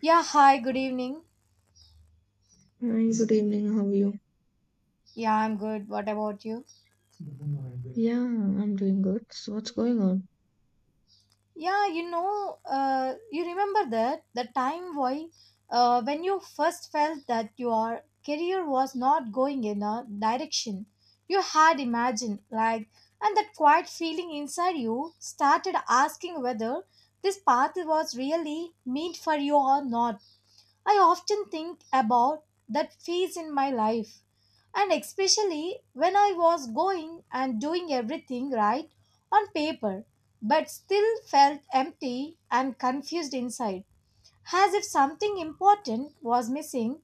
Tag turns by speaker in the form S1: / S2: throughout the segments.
S1: Yeah, hi, good evening.
S2: Hi, good evening. How are you?
S1: Yeah, I'm good. What about you?
S2: Yeah, I'm doing good. So what's going on?
S1: You remember that the time why when you first felt that your career was not going in a direction you had imagined, and that quiet feeling inside you started asking whether this path was really meant for you or not. I often think about that phase in my life, and especially when I was going and doing everything right on paper, but still felt empty and confused inside, as if something important was missing.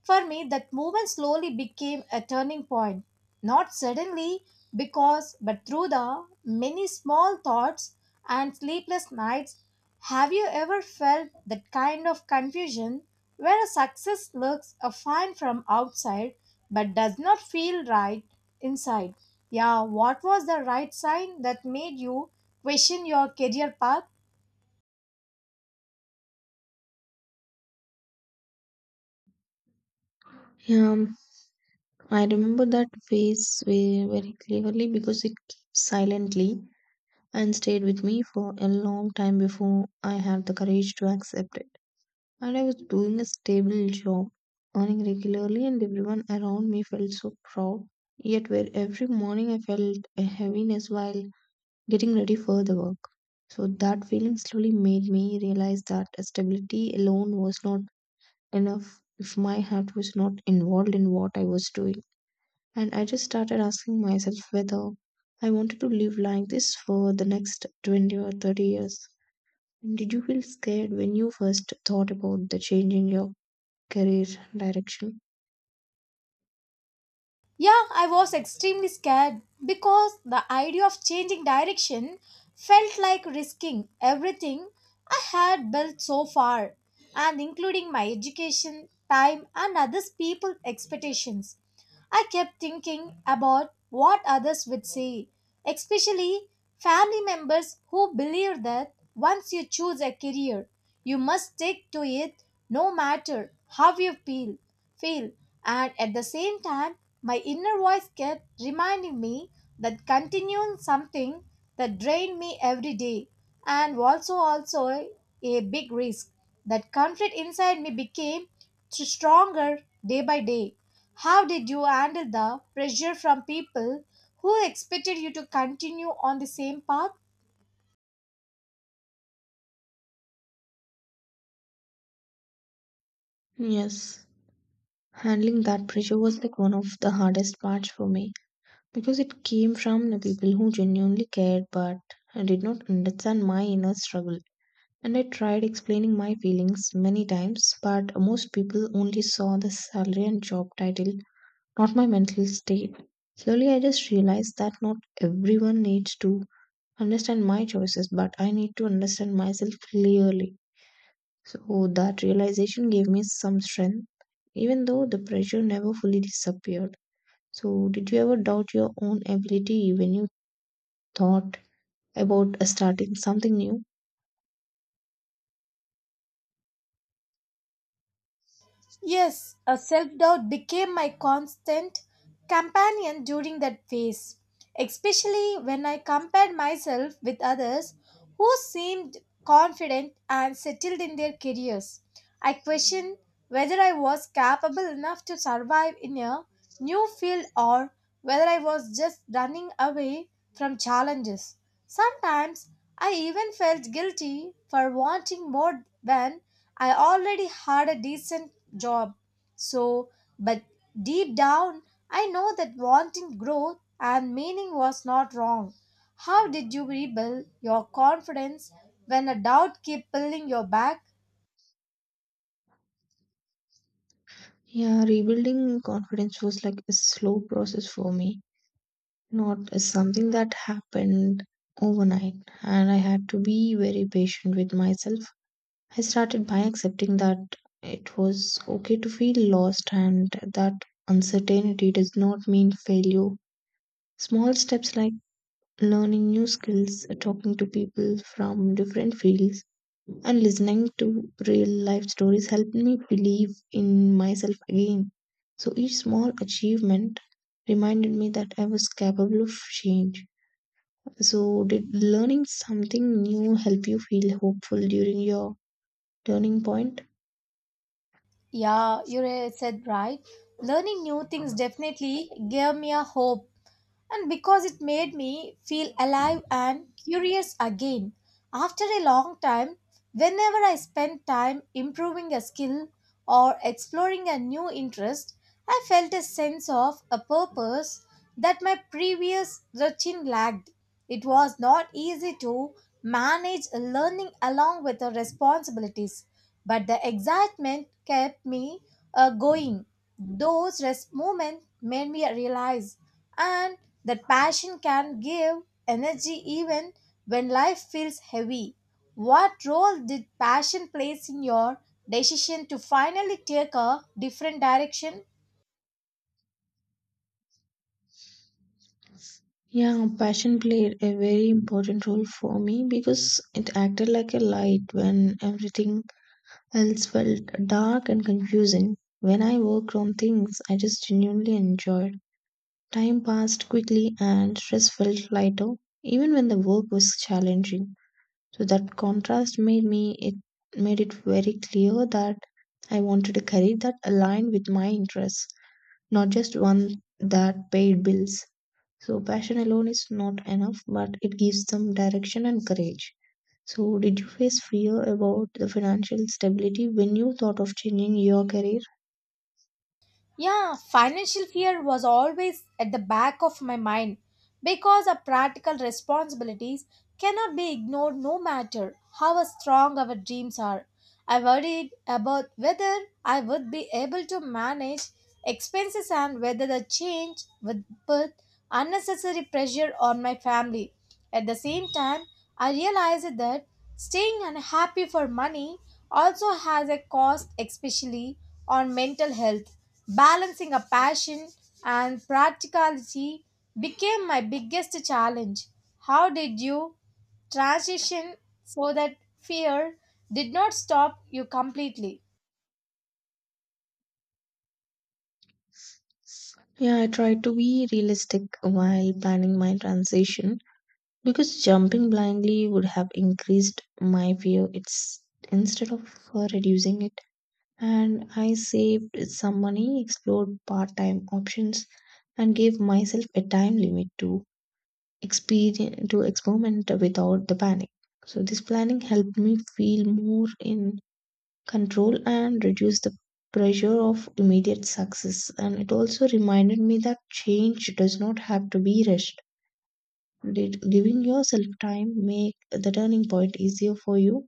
S1: For me, that moment slowly became a turning point. Not suddenly, but through the many small thoughts and sleepless nights. Have you ever felt that kind of confusion where a success looks a fine from outside but does not feel right inside? Yeah, what was the right sign that made you question your career path?
S2: Yeah, um, I remember that face very, very clearly because it came silently and stayed with me for a long time before I had the courage to accept it. And I was doing a stable job, earning regularly, and everyone around me felt so proud. Yet, where every morning I felt a heaviness while getting ready for the work. So that feeling slowly made me realize that stability alone was not enough if my heart was not involved in what I was doing. And I just started asking myself whether I wanted to live like this for the next 20 or 30 years. And did you feel scared when you first thought about the change in your career direction?
S1: Yeah, I was extremely scared because the idea of changing direction felt like risking everything I had built so far, and including my education, time, and others' people's expectations. I kept thinking about what others would say, especially family members who believe that once you choose a career, you must stick to it no matter how you feel. Feel, and at the same time, my inner voice kept reminding me that continuing something that drained me every day and also a big risk. That conflict inside me became stronger day by day. How did you handle the pressure from people who expected you to continue on the same path?
S2: Yes. Handling that pressure was like one of the hardest parts for me because it came from the people who genuinely cared but did not understand my inner struggle. And I tried explaining my feelings many times, but most people only saw the salary and job title, not my mental state. Slowly, I just realized that not everyone needs to understand my choices, but I need to understand myself clearly. So, that realization gave me some strength, even though the pressure never fully disappeared. So, did you ever doubt your own ability when you thought about starting something new?
S1: Yes, a self doubt became my constant companion during that phase, especially when I compared myself with others who seemed confident and settled in their careers. I questioned whether I was capable enough to survive in a new field or whether I was just running away from challenges. Sometimes I even felt guilty for wanting more than I already had a decent job. So, but deep down, I know that wanting growth and meaning was not wrong. How did you rebuild your confidence when a doubt kept pulling your back?
S2: Yeah, rebuilding confidence was like a slow process for me, not something that happened overnight, and I had to be very patient with myself. I started by accepting that it was okay to feel lost and that uncertainty does not mean failure. Small steps like learning new skills, talking to people from different fields, and listening to real life stories helped me believe in myself again. So each small achievement reminded me that I was capable of change. So, did learning something new help you feel hopeful during your turning point?
S1: Yeah, you said right. Learning new things definitely gave me a hope, and because it made me feel alive and curious again. After a long time, whenever I spent time improving a skill or exploring a new interest, I felt a sense of a purpose that my previous routine lacked. It was not easy to manage learning along with the responsibilities, but the excitement kept me going. Those rest moments made me realize and that passion can give energy even when life feels heavy. What role did passion play in your decision to finally take a different direction?
S2: Yeah, passion played a very important role for me because it acted like a light when everything else felt dark and confusing. When I worked on things I just genuinely enjoyed, time passed quickly and stress felt lighter, even when the work was challenging. So that contrast made it very clear that I wanted a career that aligned with my interests, not just one that paid bills. So passion alone is not enough, but it gives them direction and courage. So did you face fear about the financial stability when you thought of changing your career?
S1: Yeah, financial fear was always at the back of my mind because our practical responsibilities cannot be ignored no matter how strong our dreams are. I worried about whether I would be able to manage expenses and whether the change would put unnecessary pressure on my family. At the same time, I realized that staying unhappy for money also has a cost, especially on mental health. Balancing a passion and practicality became my biggest challenge. How did you transition so that fear did not stop you completely?
S2: Yeah, I tried to be realistic while planning my transition, because jumping blindly would have increased my fear it's instead of reducing it. And I saved some money, explored part-time options and gave myself a time limit to experience to experiment without the panic. So this planning helped me feel more in control and reduce the pressure of immediate success, and it also reminded me that change does not have to be rushed. Did giving yourself time make the turning point easier for you?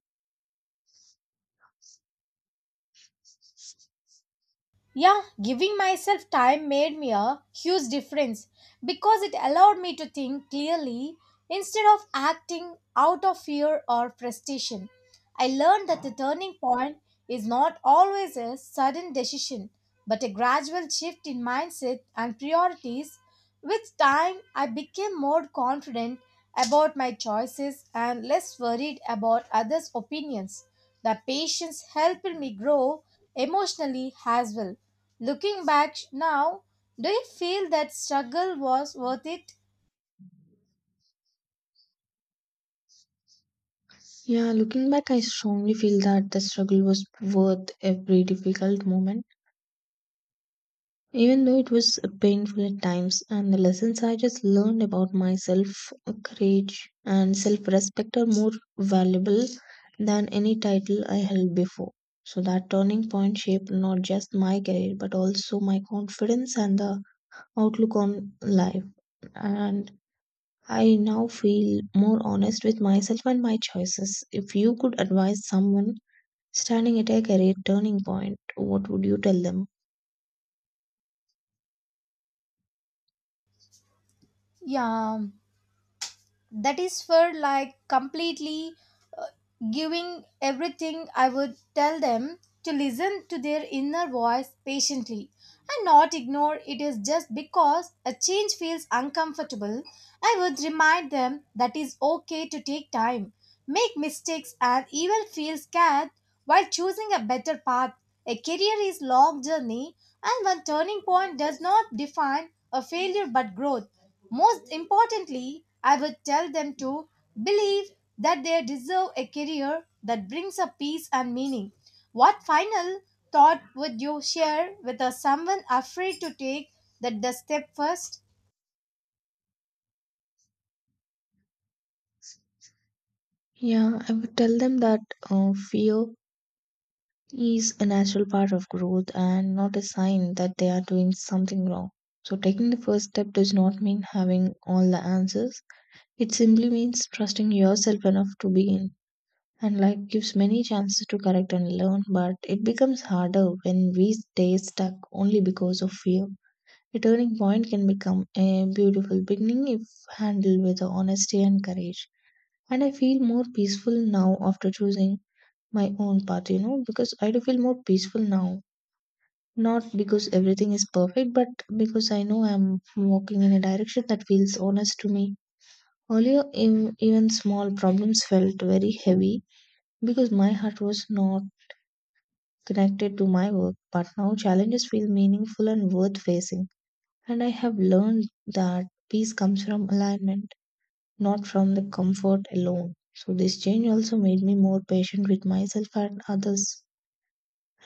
S1: Yeah, giving myself time made me a huge difference because it allowed me to think clearly instead of acting out of fear or frustration. I learned that the turning point is not always a sudden decision, but a gradual shift in mindset and priorities. With time, I became more confident about my choices and less worried about others' opinions. The patience helped me grow emotionally as well. Looking back now, do you feel that struggle was worth it?
S2: Yeah, looking back, I strongly feel that the struggle was worth every difficult moment, even though it was painful at times. And the lessons I just learned about myself, courage, and self respect are more valuable than any title I held before. So that turning point shaped not just my career, but also my confidence and the outlook on life. And I now feel more honest with myself and my choices. If you could advise someone standing at a career turning point, what would you tell them?
S1: Yeah. That is for like completely uh, giving everything. I would tell them to listen to their inner voice patiently and not ignore it is just because a change feels uncomfortable. I would remind them that is okay to take time, make mistakes, and even feel scared while choosing a better path. A career is long journey, and one turning point does not define a failure but growth. Most importantly, I would tell them to believe that they deserve a career that brings a peace and meaning. What final thought would you share with a someone afraid to take that the step first?
S2: Yeah, I would tell them that fear is a natural part of growth and not a sign that they are doing something wrong. So, taking the first step does not mean having all the answers, it simply means trusting yourself enough to begin. And life gives many chances to correct and learn, but it becomes harder when we stay stuck only because of fear. A turning point can become a beautiful beginning if handled with honesty and courage. And I feel more peaceful now after choosing my own path, you know, because I do feel more peaceful now. Not because everything is perfect, but because I know I'm walking in a direction that feels honest to me. Earlier, even small problems felt very heavy because my heart was not connected to my work, but now challenges feel meaningful and worth facing. And I have learned that peace comes from alignment, not from the comfort alone. So this change also made me more patient with myself and others.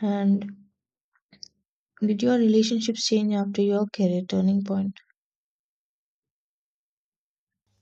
S2: And did your relationships change after your career turning point?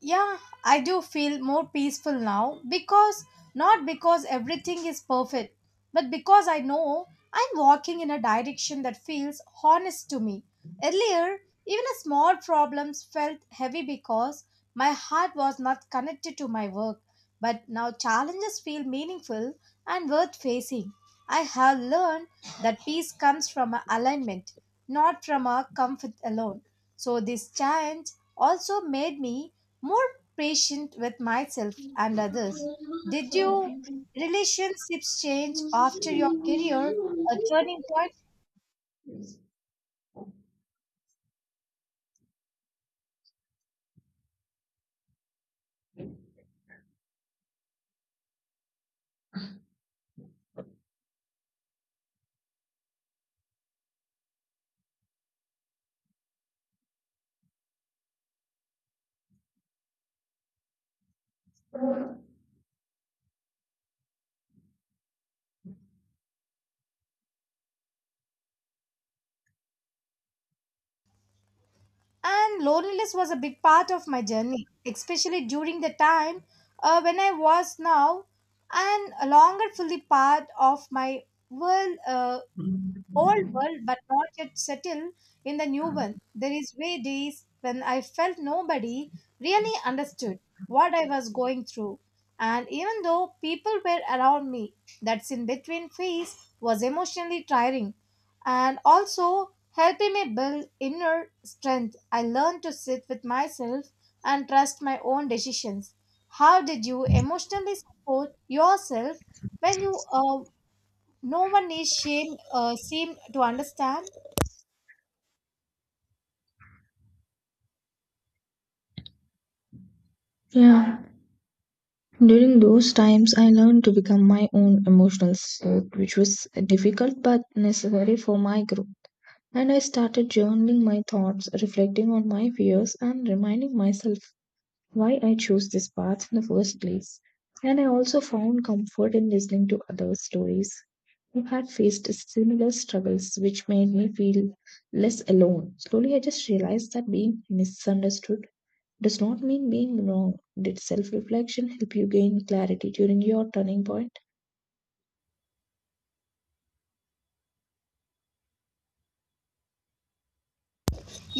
S1: Yeah, I do feel more peaceful now because, not because everything is perfect, but because I know I'm walking in a direction that feels honest to me. Earlier, even a small problems felt heavy because my heart was not connected to my work, but now challenges feel meaningful and worth facing. I have learned that peace comes from a alignment, not from a comfort alone. So, this challenge also made me more patient with myself and others. Did your relationships change after your career, a turning point? And loneliness was a big part of my journey, especially during the time when I was now and a longer fully part of my world. Old world but not yet settled in the new one. There is way days when I felt nobody really understood what I was going through. And even though people were around me, that's in between phase was emotionally tiring and also helping me build inner strength. I learned to sit with myself and trust my own decisions. How did you emotionally support yourself when you no one is shame seemed to understand?
S2: Yeah. During those times, I learned to become my own emotional self, which was difficult but necessary for my growth. And I started journaling my thoughts, reflecting on my fears, and reminding myself why I chose this path in the first place. And I also found comfort in listening to other stories who had faced similar struggles, which made me feel less alone. Slowly, I just realized that being misunderstood does not mean being wrong. Did self reflection help you gain clarity during your turning point?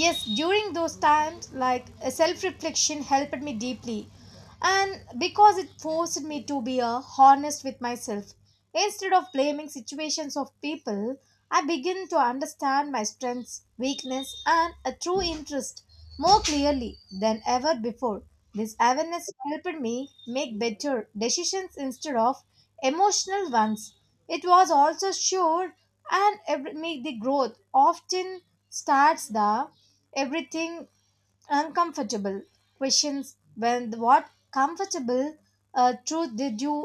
S1: Yes, during those times, like self-reflection helped me deeply and because it forced me to be honest with myself instead of blaming situations of people. I begin to understand my strengths, weakness, and a true interest more clearly than ever before. This awareness helped me make better decisions instead of emotional ones. It was also sure, and every, make the growth often starts the everything uncomfortable questions when what comfortable truth did you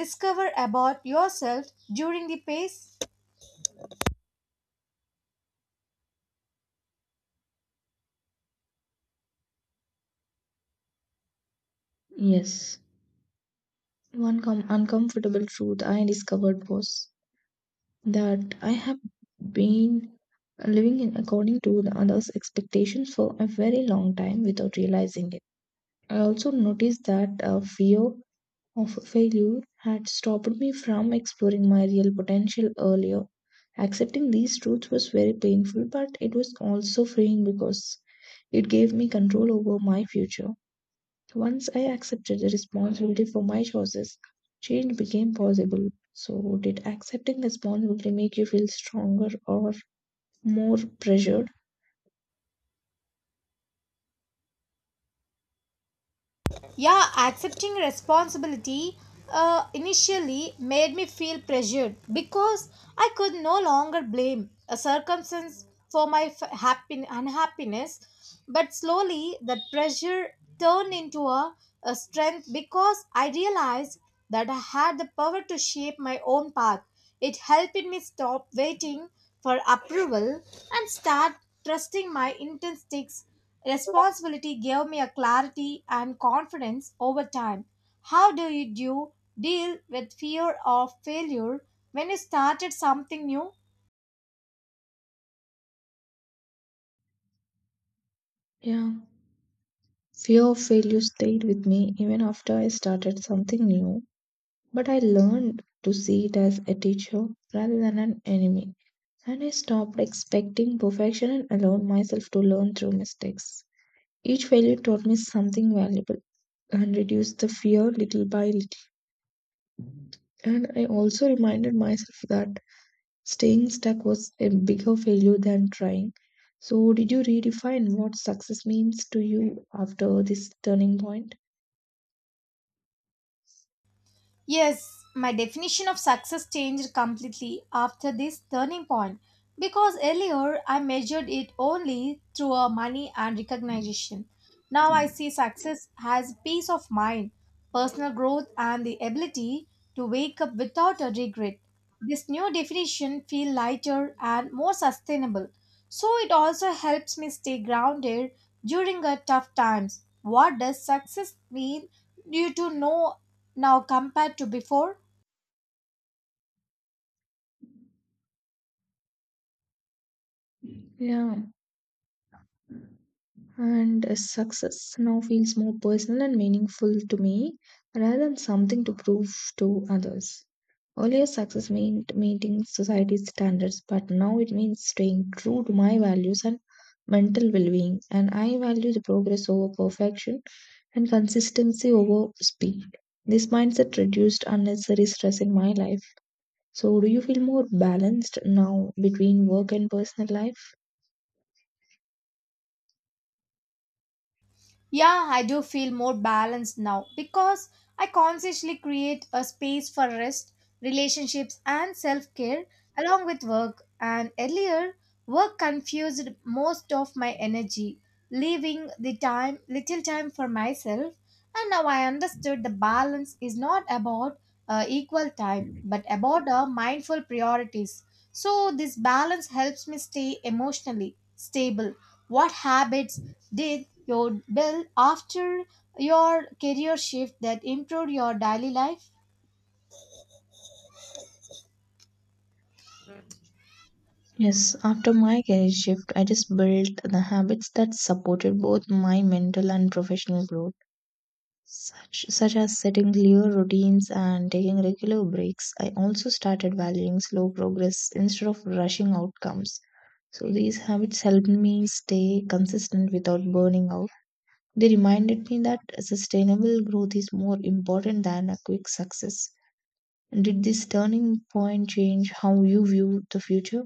S1: discover about yourself during the pace?
S2: Yes. One uncomfortable truth I discovered was that I have been living in according to the others' expectations for a very long time without realizing it. I also noticed that fear of failure had stopped me from exploring my real potential earlier. Accepting these truths was very painful, but it was also freeing because it gave me control over my future. Once I accepted the responsibility for my choices, change became possible. So, did accepting responsibility make you feel stronger or more pressured?
S1: Yeah, accepting responsibility initially made me feel pressured because I could no longer blame a circumstance for my unhappiness. But slowly, that pressure turned into a strength because I realized that I had the power to shape my own path. It helped me stop waiting for approval and start trusting my instincts. Responsibility gave me a clarity and confidence over time. How do you do deal with fear of failure when you started something new?
S2: Yeah. Fear of failure stayed with me even after I started something new. But I learned to see it as a teacher rather than an enemy. And I stopped expecting perfection and allowed myself to learn through mistakes. Each failure taught me something valuable and reduced the fear little by little. And I also reminded myself that staying stuck was a bigger failure than trying. So, did you redefine what success means to you after this turning point?
S1: Yes, my definition of success changed completely after this turning point because earlier I measured it only through our money and recognition. Now I see success as peace of mind, personal growth, and the ability to wake up without a regret. This new definition feels lighter and more sustainable. So it also helps me stay grounded during a tough times. What does success mean due to know now compared to before?
S2: Yeah. And success now feels more personal and meaningful to me rather than something to prove to others. Earlier, success meant meeting society's standards, but now it means staying true to my values and mental well being. And I value the progress over perfection and consistency over speed. This mindset reduced unnecessary stress in my life. So, do you feel more balanced now between work and personal life?
S1: Yeah, I do feel more balanced now because I consciously create a space for rest, relationships, and self care along with work. And earlier, work confused most of my energy, leaving the time little time for myself. And now I understood the balance is not about equal time, but about our mindful priorities. So, this balance helps me stay emotionally stable. What habits did you build after your career shift that improved your daily life?
S2: Yes, after my career shift, I just built the habits that supported both my mental and professional growth, such as setting clear routines and taking regular breaks. I also started valuing slow progress instead of rushing outcomes. So these habits helped me stay consistent without burning out. They reminded me that sustainable growth is more important than a quick success. Did this turning point change how you view the future?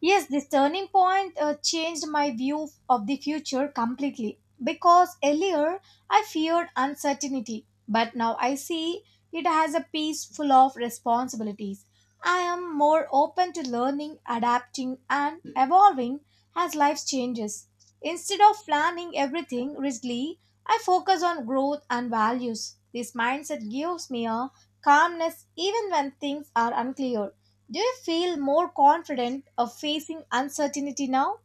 S1: Yes, this turning point changed my view of the future completely because earlier I feared uncertainty, but now I see it has a piece full of responsibilities. I am more open to learning, adapting, and evolving as life changes. Instead of planning everything rigidly, I focus on growth and values. This mindset gives me a calmness even when things are unclear. Do you feel more confident of facing uncertainty now?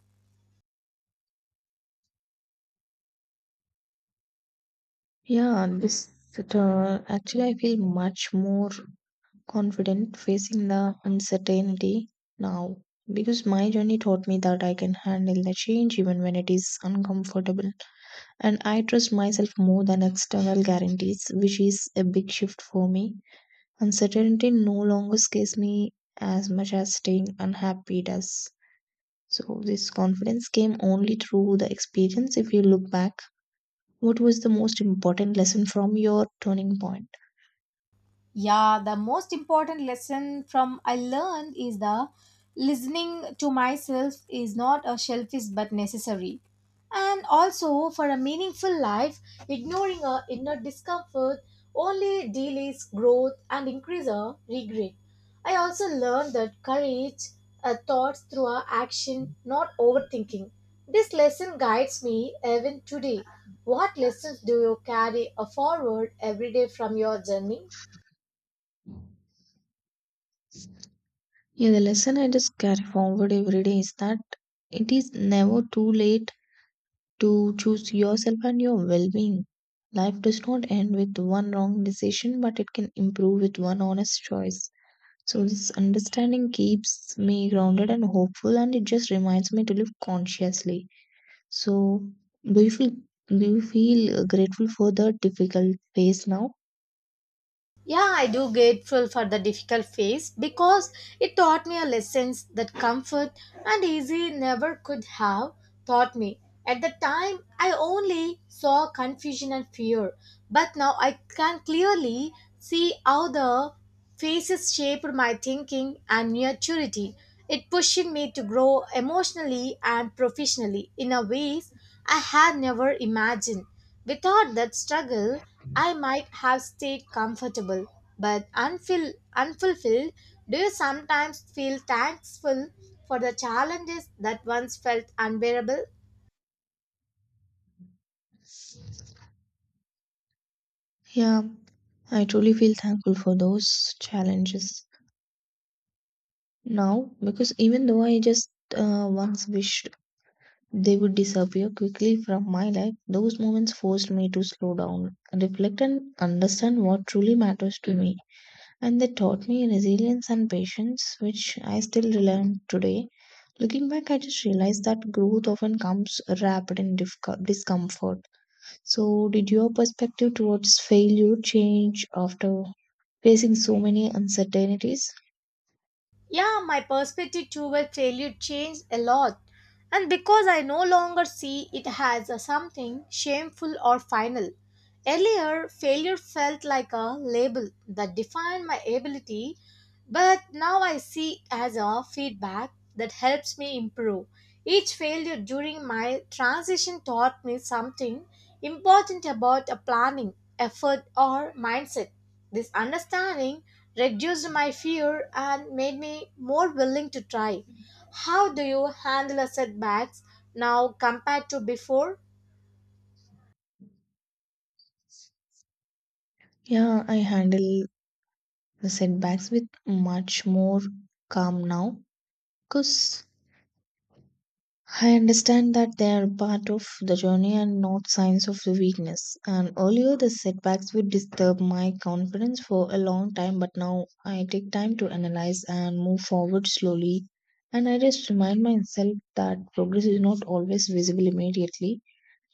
S2: Yeah, this Actually, I feel much more confident facing the uncertainty now because my journey taught me that I can handle the change even when it is uncomfortable, and I trust myself more than external guarantees, which is a big shift for me. Uncertainty no longer scares me as much as staying unhappy does. So this confidence came only through the experience. If you look back, what was the most important lesson from your turning point?
S1: Yeah, the most important lesson from I learned is the listening to myself is not a selfish but necessary. And also for a meaningful life, ignoring our inner discomfort only delays growth and increase our regret. I also learned that courage our thoughts through our action, not overthinking. This lesson guides me even today. What lessons do you carry forward every day from your journey?
S2: Yeah, the lesson I just carry forward every day is that it is never too late to choose yourself and your well being. Life does not end with one wrong decision, but it can improve with one honest choice. So, this understanding keeps me grounded and hopeful, and it just reminds me to live consciously. So, do you feel do you feel grateful for the difficult phase now?
S1: Yeah, I do grateful for the difficult phase because it taught me a lessons that comfort and easy never could have taught me. At the time, I only saw confusion and fear, but now I can clearly see how the phases shaped my thinking and maturity. It pushed me to grow emotionally and professionally in a ways I had never imagined. Without that struggle, I might have stayed comfortable but unfulfilled. Do you sometimes feel thankful for the challenges that once felt unbearable?
S2: Yeah, I truly feel thankful for those challenges now, because even though I just once wished they would disappear quickly from my life, those moments forced me to slow down, reflect, and understand what truly matters to me. And they taught me resilience and patience, which I still rely on today. Looking back, I just realized that growth often comes wrapped in discomfort. So, did your perspective towards failure change after facing so many uncertainties?
S1: Yeah, my perspective toward failure changed a lot. And because I no longer see it as a something shameful or final. Earlier, failure felt like a label that defined my ability, but now I see it as a feedback that helps me improve. Each failure during my transition taught me something important about a planning, effort, or mindset. This understanding reduced my fear and made me more willing to try. How do you handle a setbacks now compared to before?
S2: Yeah, I handle the setbacks with much more calm now because I understand that they are part of the journey and not signs of the weakness. And earlier, the setbacks would disturb my confidence for a long time, but now I take time to analyze and move forward slowly. And I just remind myself that progress is not always visible immediately.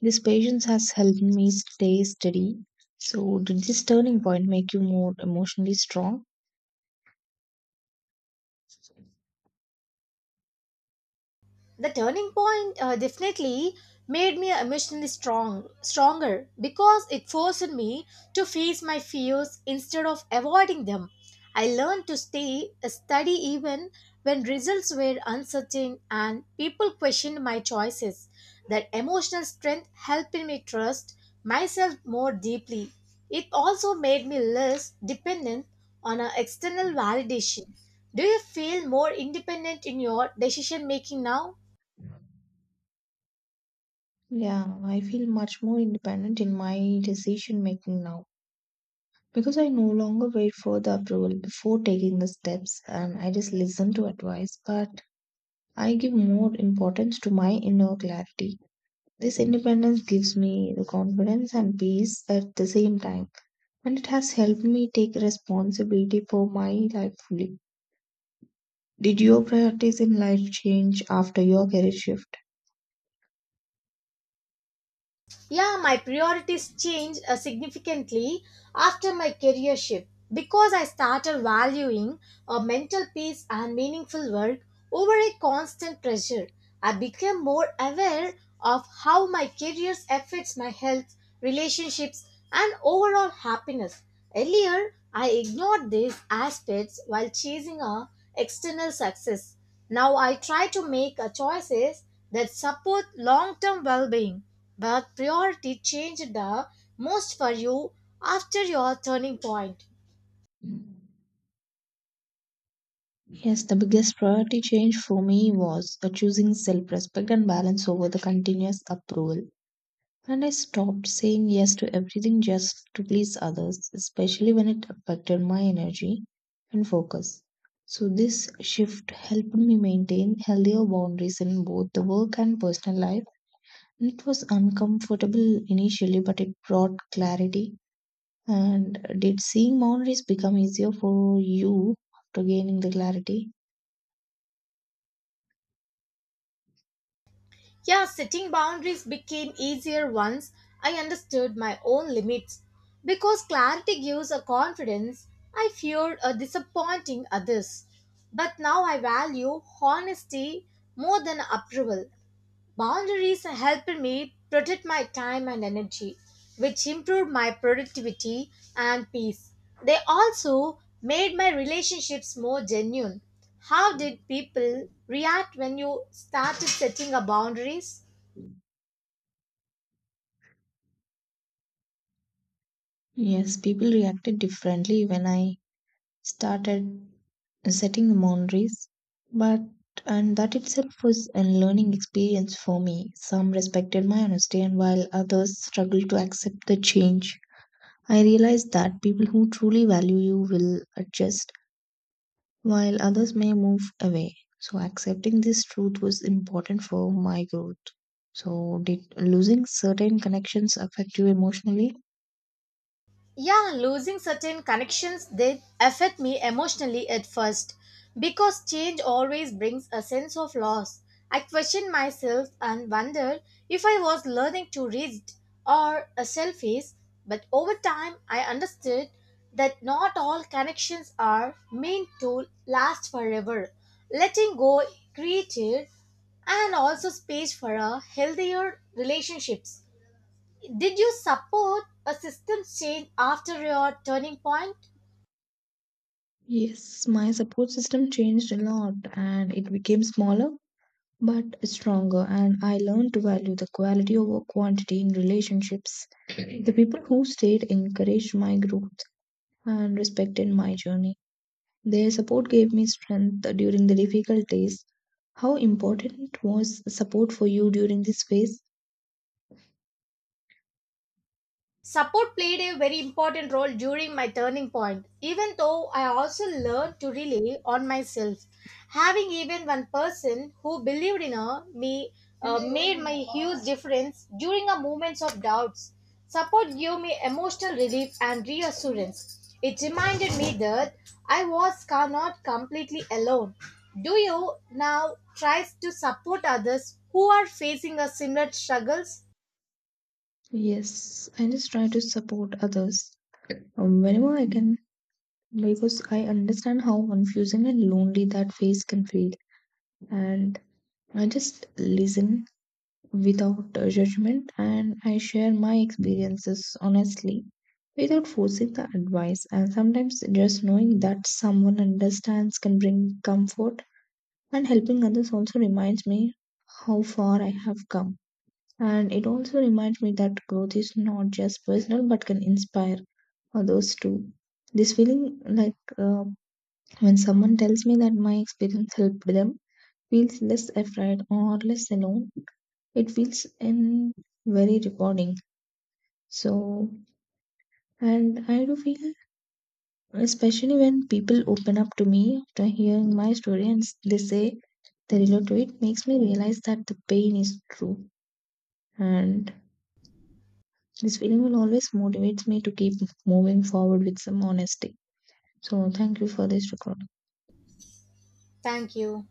S2: This patience has helped me stay steady. So, did this turning point make you more emotionally strong?
S1: The turning point definitely made me emotionally stronger because it forced me to face my fears instead of avoiding them. I learned to stay steady even when results were uncertain and people questioned my choices. That emotional strength helped me trust myself more deeply. It also made me less dependent on a external validation. Do you feel more independent in your decision making now?
S2: Yeah, I feel much more independent in my decision making now because I no longer wait for the approval before taking the steps, and I just listen to advice, but I give more importance to my inner clarity. This independence gives me the confidence and peace at the same time, and it has helped me take responsibility for my life fully. Did your priorities in life change after your career shift?
S1: Yeah, my priorities changed significantly after my career shift because I started valuing a mental peace and meaningful work over a constant pressure. I became more aware of how my career affects my health, relationships, and overall happiness. Earlier, I ignored these aspects while chasing a external success. Now I try to make a choices that support long-term well-being, but priority change the most for you after your turning point.
S2: Yes, the biggest priority change for me was choosing self respect and balance over the continuous approval. And I stopped saying yes to everything just to please others, especially when it affected my energy and focus. So, this shift helped me maintain healthier boundaries in both the work and personal life. And it was uncomfortable initially, but it brought clarity. And did seeing boundaries become easier for you after gaining the clarity?
S1: Yeah, setting boundaries became easier once I understood my own limits because clarity gives a confidence. I feared a disappointing others. But now I value honesty more than approval. Boundaries helped me protect my time and energy, which improved my productivity and peace. They also made my relationships more genuine. How did people react when you started setting up boundaries?
S2: Yes, people reacted differently when I started setting boundaries, but and that itself was a learning experience for me. Some respected my honesty, and while others struggled to accept the change, I realized that people who truly value you will adjust, while others may move away. So, accepting this truth was important for my growth. So, did losing certain connections affect you emotionally?
S1: Yeah, losing certain connections did affect me emotionally at first because change always brings a sense of loss. I questioned myself and wondered if I was learning too rigid or a selfish, but over time I understood that not all connections are meant to last forever. Letting go created and also space for a healthier relationships. Did you support a system change after your turning point?
S2: Yes, my support system changed a lot and it became smaller but stronger, and I learned to value the quality over quantity in relationships. The people who stayed encouraged my growth and respected my journey. Their support gave me strength during the difficult days. How important was support for you during this phase?
S1: Support played a very important role during my turning point, even though I also learned to rely on myself. Having even one person who believed in her, me made my huge difference during a moments of doubts. Support gave me emotional relief and reassurance. It reminded me that I was not completely alone. Do you now try to support others who are facing a similar struggles?
S2: Yes, I just try to support others whenever I can because I understand how confusing and lonely that phase can feel. And I just listen without judgment, and I share my experiences honestly without forcing the advice. And sometimes just knowing that someone understands can bring comfort, and helping others also reminds me how far I have come. And it also reminds me that growth is not just personal but can inspire others too. This feeling, when someone tells me that my experience helped them, feels less afraid or less alone, it feels in very rewarding. So, and I do feel, especially when people open up to me after hearing my story and they say they relate to it, makes me realize that the pain is true. And this feeling will always motivates me to keep moving forward with some honesty. So, thank you for this recording.
S1: Thank you.